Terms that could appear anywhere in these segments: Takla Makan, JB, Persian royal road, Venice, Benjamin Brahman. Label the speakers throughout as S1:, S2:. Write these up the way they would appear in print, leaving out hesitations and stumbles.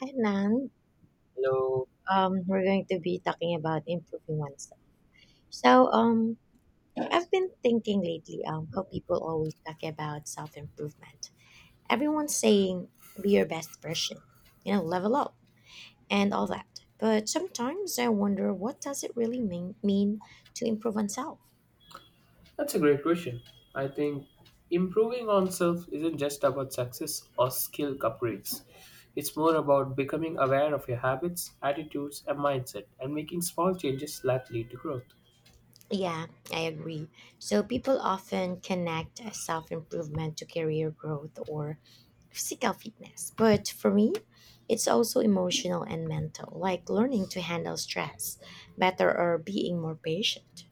S1: Hi, Nan.
S2: Hello.
S1: We're going to be talking about improving oneself. So, um, I've been thinking lately, how people always talk about self improvement. Everyone's saying, be your best version, you know, level up and all that. But sometimes I wonder, what does it really mean to improve oneself?
S2: That's a great question. I think improving on self isn't just about success or skill upgrades. It's more about becoming aware of your habits, attitudes, and mindset and making small changes that lead to growth.
S1: Yeah, I agree. So, people often connect self improvement to career growth or physical fitness, but for me, it's also emotional and mental, like learning to handle stress better or being more patient.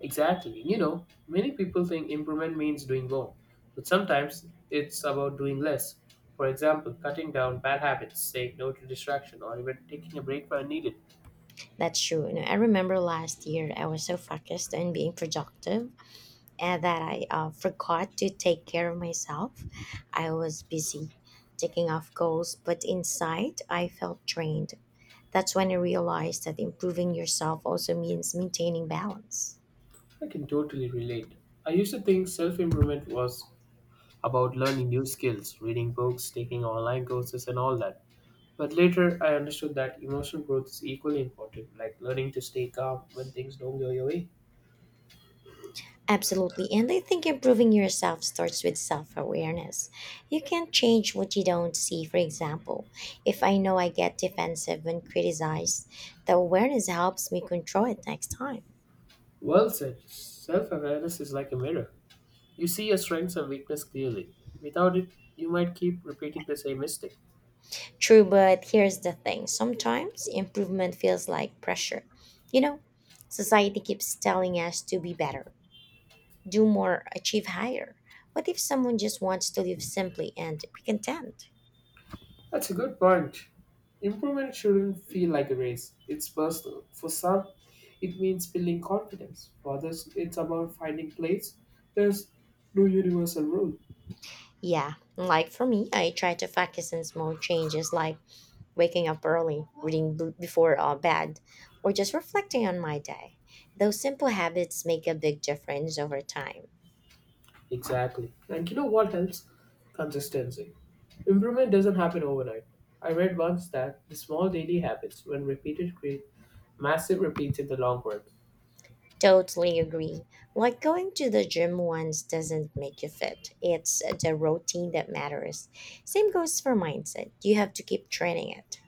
S2: Exactly. You know, many people think improvement means doing more, but sometimes it's about doing less. For example, cutting down bad habits, saying no to distraction, or even taking a break when needed.
S1: That's true. You know, I remember last year I was so focused on being productive and that I forgot to take care of myself. I was busy taking off goals, but inside I felt drained. That's when I realized that improving yourself also means maintaining balance.
S2: I can totally relate. I used to think self improvement was about learning new skills, reading books, taking online courses, and all that. But later, I understood that emotional growth is equally important, like learning to stay calm when things don't go your way.
S1: Absolutely. And I think improving yourself starts with self awareness. You can't change what you don't see. For example, if I know I get defensive when criticized, the awareness helps me control it next time.
S2: Well said, self awareness is like a mirror. You see your strengths and weakness clearly. Without it, you might keep repeating the same mistake.
S1: True, but here's the thing sometimes improvement feels like pressure. You know, society keeps telling us to be better, do more, achieve higher. What if someone just wants to live simply and be content?
S2: That's a good point. Improvement shouldn't feel like a race, it's personal. For some, it means building confidence. For others, it's about finding place. There's no universal rule.
S1: Yeah, like for me, I try to focus on small changes like waking up early, reading before bed, or just reflecting on my day. Those simple habits make a big difference over time.
S2: Exactly. And you know what else? Consistency. Improvement doesn't happen overnight. I read once that the small daily habits, when repeated, create massive repeats in the long run.
S1: Totally agree. Like going to the gym once doesn't make you fit. It's the routine that matters. Same goes for mindset. You have to keep training it.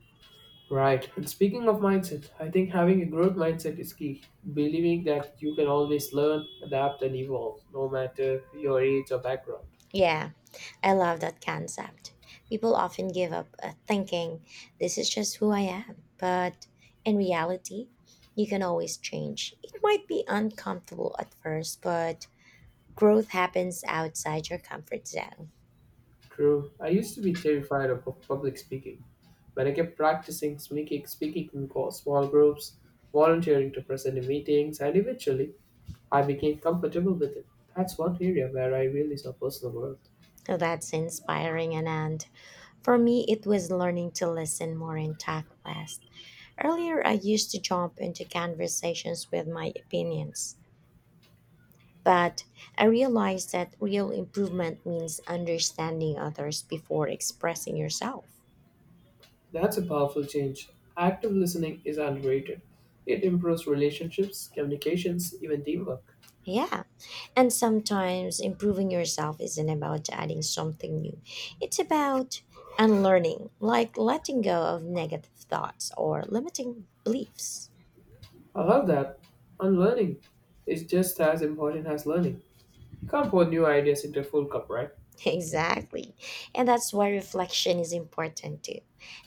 S2: Right. And speaking of mindset, I think having a growth mindset is key. Believing that you can always learn, adapt, and evolve, no matter your age or background.
S1: Yeah. I love that concept. People often give up thinking, this is just who I am. But in reality, you can always change. It might be uncomfortable at first, but growth happens outside your comfort zone.
S2: True. I used to be terrified of public speaking, but I kept practicing speaking in small groups, volunteering to present in meetings, and eventually I became comfortable with it. That's one area where I really saw personal growth.
S1: So that's inspiring. And for me, it was learning to listen more and talk less. Earlier, I used to jump into conversations with my opinions. But I realized that real improvement means understanding others before expressing yourself.
S2: That's a powerful change. Active listening is underrated. It improves relationships, communications, even teamwork.
S1: Yeah. And sometimes improving yourself isn't about adding something new, it's about unlearning, like letting go of negative thoughts or limiting beliefs.
S2: I love that. Unlearning is just as important as learning. You can't pour new ideas into a full cup, right?
S1: Exactly. And that's why reflection is important too.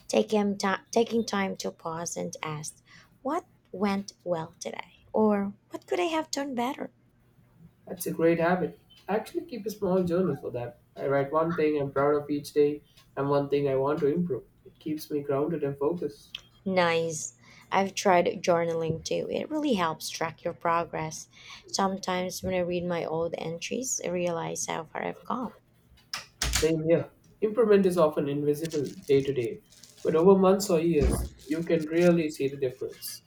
S1: Taking time to pause and ask, what went well today? Or what could I have done better?
S2: That's a great habit. I actually keep a small journal for that. I write one thing I'm proud of each day and one thing I want to improve. It keeps me grounded and focused.
S1: Nice. I've tried journaling too. It really helps track your progress. Sometimes when I read my old entries, I realize how far I've come.
S2: Same here. Improvement is often invisible day to day, but over months or years, you can really see the difference.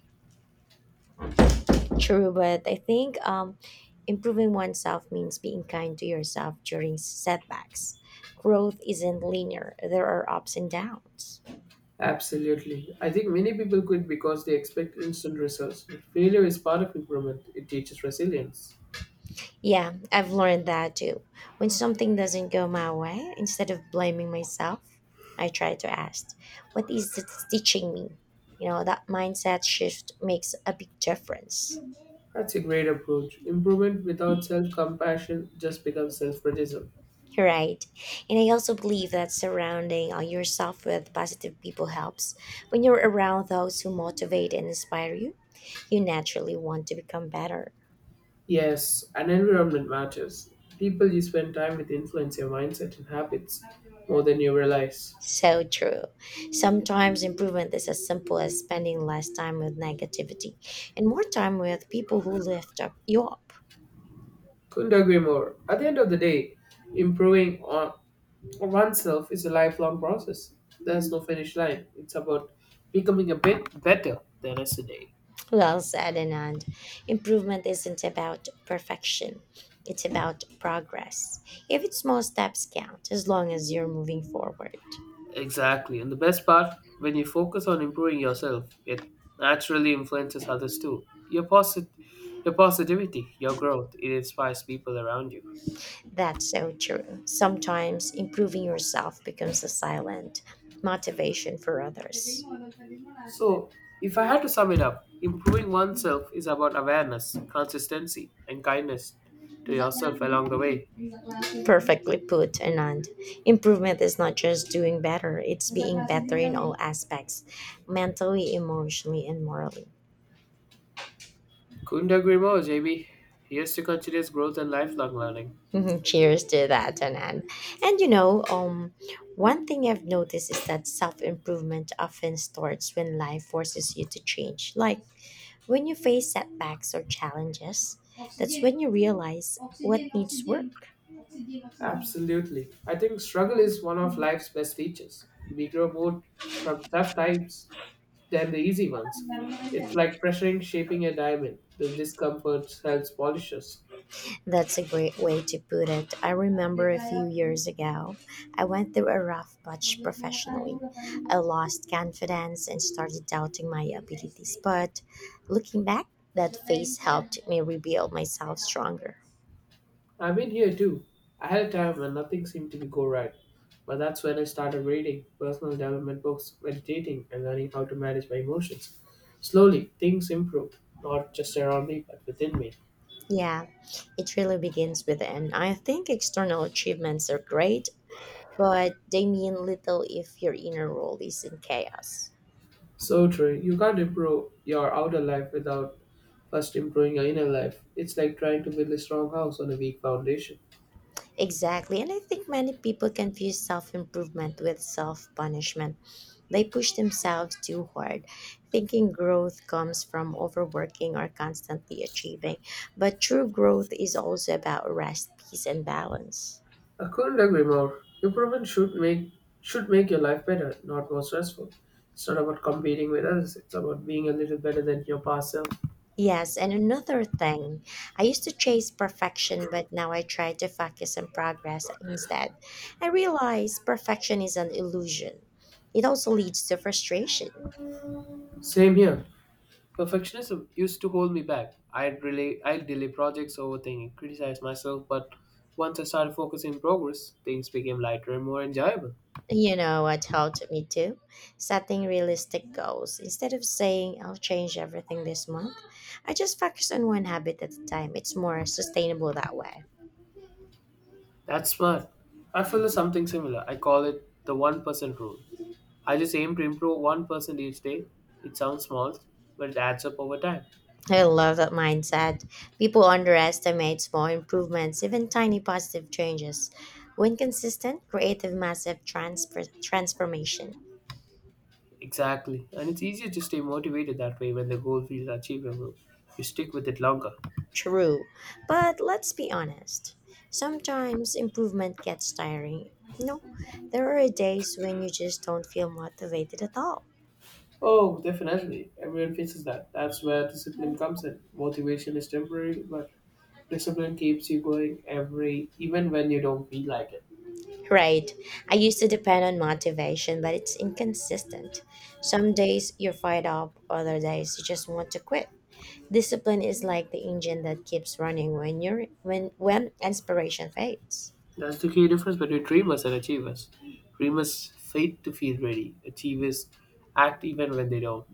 S1: True, but I think improving oneself means being kind to yourself during setbacks. Growth isn't linear, there are ups and downs.
S2: Absolutely. I think many people quit because they expect instant results, but failure is part of improvement. It teaches resilience.
S1: Yeah, I've learned that too. When something doesn't go my way, instead of blaming myself, I try to ask, what is it teaching me? You know, that mindset shift makes a big difference.
S2: That's a great approach. Improvement without self compassion just becomes self criticism.
S1: Right. And I also believe that surrounding yourself with positive people helps. When you're around those who motivate and inspire you, you naturally want to become better.
S2: Yes, and environment matters. People you spend time with influence your mindset and habits more than you realize.
S1: So true. Sometimes improvement is as simple as spending less time with negativity and more time with people who lift up you up.
S2: Couldn't agree more. At the end of the day, improving on for oneself is a lifelong process. There's no finish line. It's about becoming a bit better than yesterday.
S1: Well said, Anand. Improvement isn't about perfection. It's about progress. Even small steps count as long as you're moving forward.
S2: Exactly. And the best part, when you focus on improving yourself, it naturally influences others too. Your positivity, your growth, it inspires people around you.
S1: That's so true. Sometimes improving yourself becomes a silent motivation for others.
S2: So, if I had to sum it up, improving oneself is about awareness, consistency, and kindness to yourself along the way.
S1: Perfectly put, Anand. Improvement is not just doing better, it's being better in all aspects mentally, emotionally, and morally.
S2: Couldn't agree more, JB. Here's to continuous growth and lifelong learning.
S1: Cheers to that, Anand. And you know, one thing I've noticed is that self improvement often starts when life forces you to change. Like when you face setbacks or challenges, that's when you realize what needs work.
S2: Absolutely. I think struggle is one of life's best teachers. We grow more from tough times than the easy ones. It's like pressuring shaping a diamond. The discomfort helps polish us.
S1: That's a great way to put it. I remember a few years ago, I went through a rough patch professionally. I lost confidence and started doubting my abilities, but looking back, that phase helped me rebuild myself stronger.
S2: I've been here too. I had a time when nothing seemed to be go right. But that's when I started reading personal development books, meditating, and learning how to manage my emotions. Slowly, things improved, not just around me, but within me.
S1: Yeah, it really begins with an. I think external achievements are great, but they mean little if your inner world is in chaos.
S2: So true. You can't improve your outer life without first improving your inner life. It's like trying to build a strong house on a weak foundation.
S1: Exactly. And I think many people confuse self improvement with self punishment. They push themselves too hard, thinking growth comes from overworking or constantly achieving. But true growth is also about rest, peace, and balance.
S2: I couldn't agree more. Improvement should make your life better, not more stressful. It's not about competing with others. It's about being a little better than your past self.
S1: Yes, and another thing, I used to chase perfection, but now I try to focus on progress instead. I realize perfection is an illusion. It also leads to frustration.
S2: Same here. Perfectionism used to hold me back. I'd delay projects, overthinking, criticize myself, but once I started focusing on progress, things became lighter and more enjoyable.
S1: You know what helped me too? Setting realistic goals. Instead of saying I'll change everything this month, I just focus on one habit at a time. It's more sustainable that way.
S2: That's smart. I follow something similar. I call it the 1% rule. I just aim to improve 1% each day. It sounds small, but it adds up over time.
S1: I love that mindset. People underestimate small improvements, even tiny positive changes. When consistent, creative massive transformation.
S2: Exactly. And it's easier to stay motivated that way when the goal feels achievable. You stick with it longer.
S1: True. But let's be honest. Sometimes improvement gets tiring. No, there are days when you just don't feel motivated at all.
S2: Oh, definitely. Everyone faces that. That's where discipline comes in. Motivation is temporary, but discipline keeps you going every even when you don't feel like it.
S1: Right. I used to depend on motivation, but it's inconsistent. Some days you're fired up, other days you just want to quit. Discipline is like the engine that keeps running when you're when inspiration fades.
S2: That's the key difference between dreamers and achievers. Dreamers fight to feel ready, achievers act even when they don't.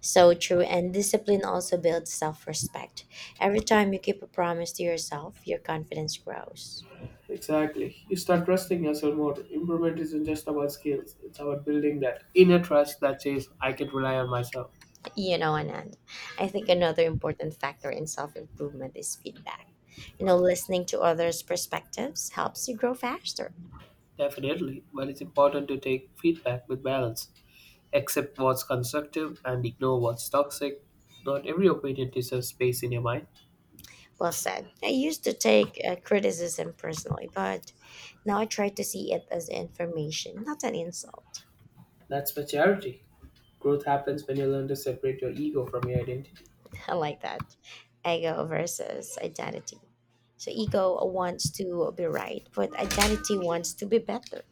S1: So true, and discipline also builds self-respect. Every time you keep a promise to yourself, your confidence grows.
S2: Exactly. You start trusting yourself more. Improvement isn't just about skills, it's about building that inner trust that says, I can rely on myself.
S1: You know, Anand, I think another important factor in self-improvement is feedback. You know, listening to others' perspectives helps you grow faster.
S2: Definitely, but it's important to take feedback with balance. Accept what's constructive and ignore what's toxic. Not every opinion deserves space in your mind.
S1: Well said. I used to take criticism personally, but now I try to see it as information, not an insult.
S2: That's maturity. Growth happens when you learn to separate your ego from your identity.
S1: I like that. Ego versus identity. So ego wants to be right, but identity wants to be better.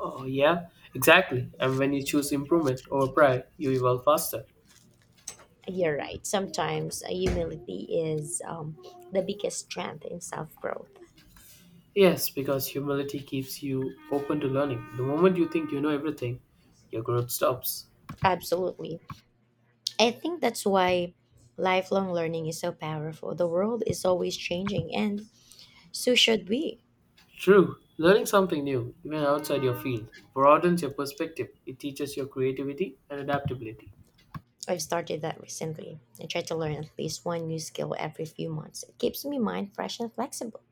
S2: Oh, yeah, exactly. And when you choose improvement over pride, you evolve faster.
S1: You're right. Sometimes humility is the biggest strength in self growth.
S2: Yes, because humility keeps you open to learning. The moment you think you know everything, your growth stops.
S1: Absolutely. I think that's why lifelong learning is so powerful. The world is always changing, and so should we.
S2: True, learning something new, even outside your field, broadens your perspective. It teaches your creativity and adaptability.
S1: I've started that recently. I try to learn at least one new skill every few months. It keeps me mind fresh and flexible.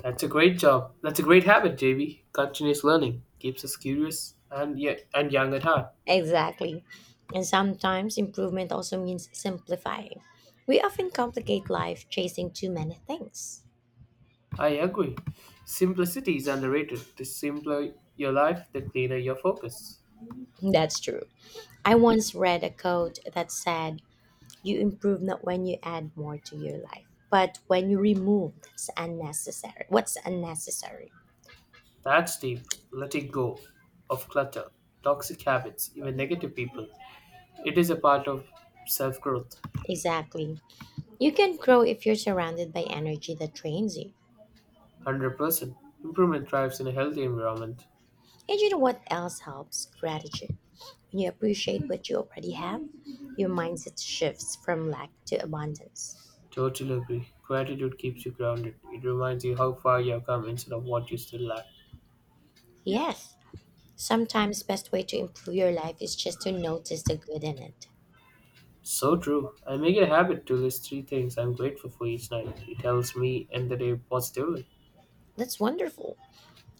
S2: That's a great job. That's a great habit, JB. Continuous learning keeps us curious and, yeah, and young at heart.
S1: Exactly. And sometimes improvement also means simplifying. We often complicate life chasing too many things.
S2: I agree. Simplicity is underrated. The simpler your life, the cleaner your focus.
S1: That's true. I once read a quote that said, you improve not when you add more to your life, but when you remove that's unnecessary. What's unnecessary?
S2: That's deep letting go of clutter, toxic habits, even negative people. It is a part of self growth.
S1: Exactly. You can grow if you're surrounded by energy that trains you.
S2: 100%. Improvement thrives in a healthy environment.
S1: And you know what else helps? Gratitude. When you appreciate what you already have, your mindset shifts from lack to abundance.
S2: Totally agree. Gratitude keeps you grounded. It reminds you how far you have come instead of what you still lack.
S1: Yes, sometimes best way to improve your life is just to notice the good in it.
S2: So true. I make it a habit to list 3 things I'm grateful for each night. It helps me end the day positively.
S1: That's wonderful.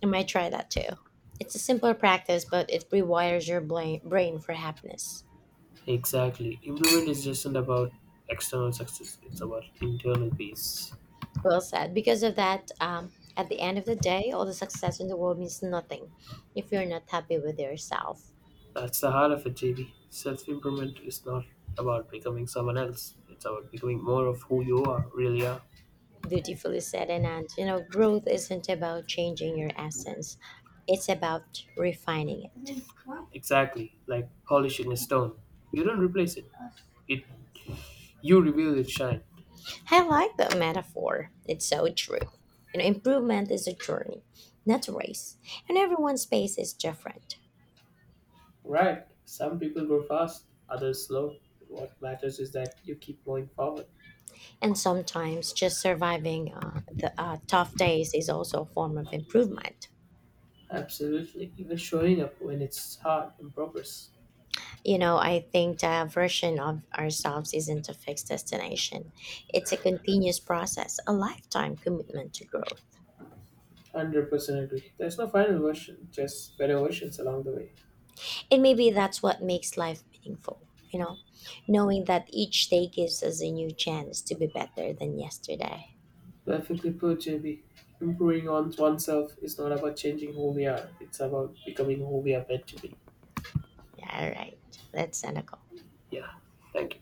S1: I might try that too. It's a simple practice, but it rewires your brain for happiness.
S2: Exactly. Improvement is just not about external success, it's about internal peace.
S1: Well said. Because of that, at the end of the day, all the success in the world means nothing if you're not happy with yourself.
S2: That's the heart of it, JB. Self improvement is not about becoming someone else, it's about becoming more of who you are, really are.
S1: Beautifully said, Anand. You know, growth isn't about changing your essence, it's about refining it.
S2: Exactly, like polishing a stone. You don't replace it. You reveal its shine.
S1: I like that metaphor. It's so true. You know, improvement is a journey, not a race, and everyone's pace is different.
S2: Right. Some people grow fast, others slow. What matters is that you keep going forward.
S1: And sometimes just surviving the tough days is also a form of improvement.
S2: Absolutely. Even showing up when it's hard in progress.
S1: You know, I think the version of ourselves isn't a fixed destination. It's a continuous process, a lifetime commitment to growth.
S2: 100% agree. There's no final version, just better versions along the way.
S1: And maybe that's what makes life meaningful, you know, knowing that each day gives us a new chance to be better than yesterday.
S2: Perfectly put, JB. Improving on oneself is not about changing who we are, it's about becoming who we are meant to be.
S1: All right, that's cynical.
S2: Yeah. Thank you.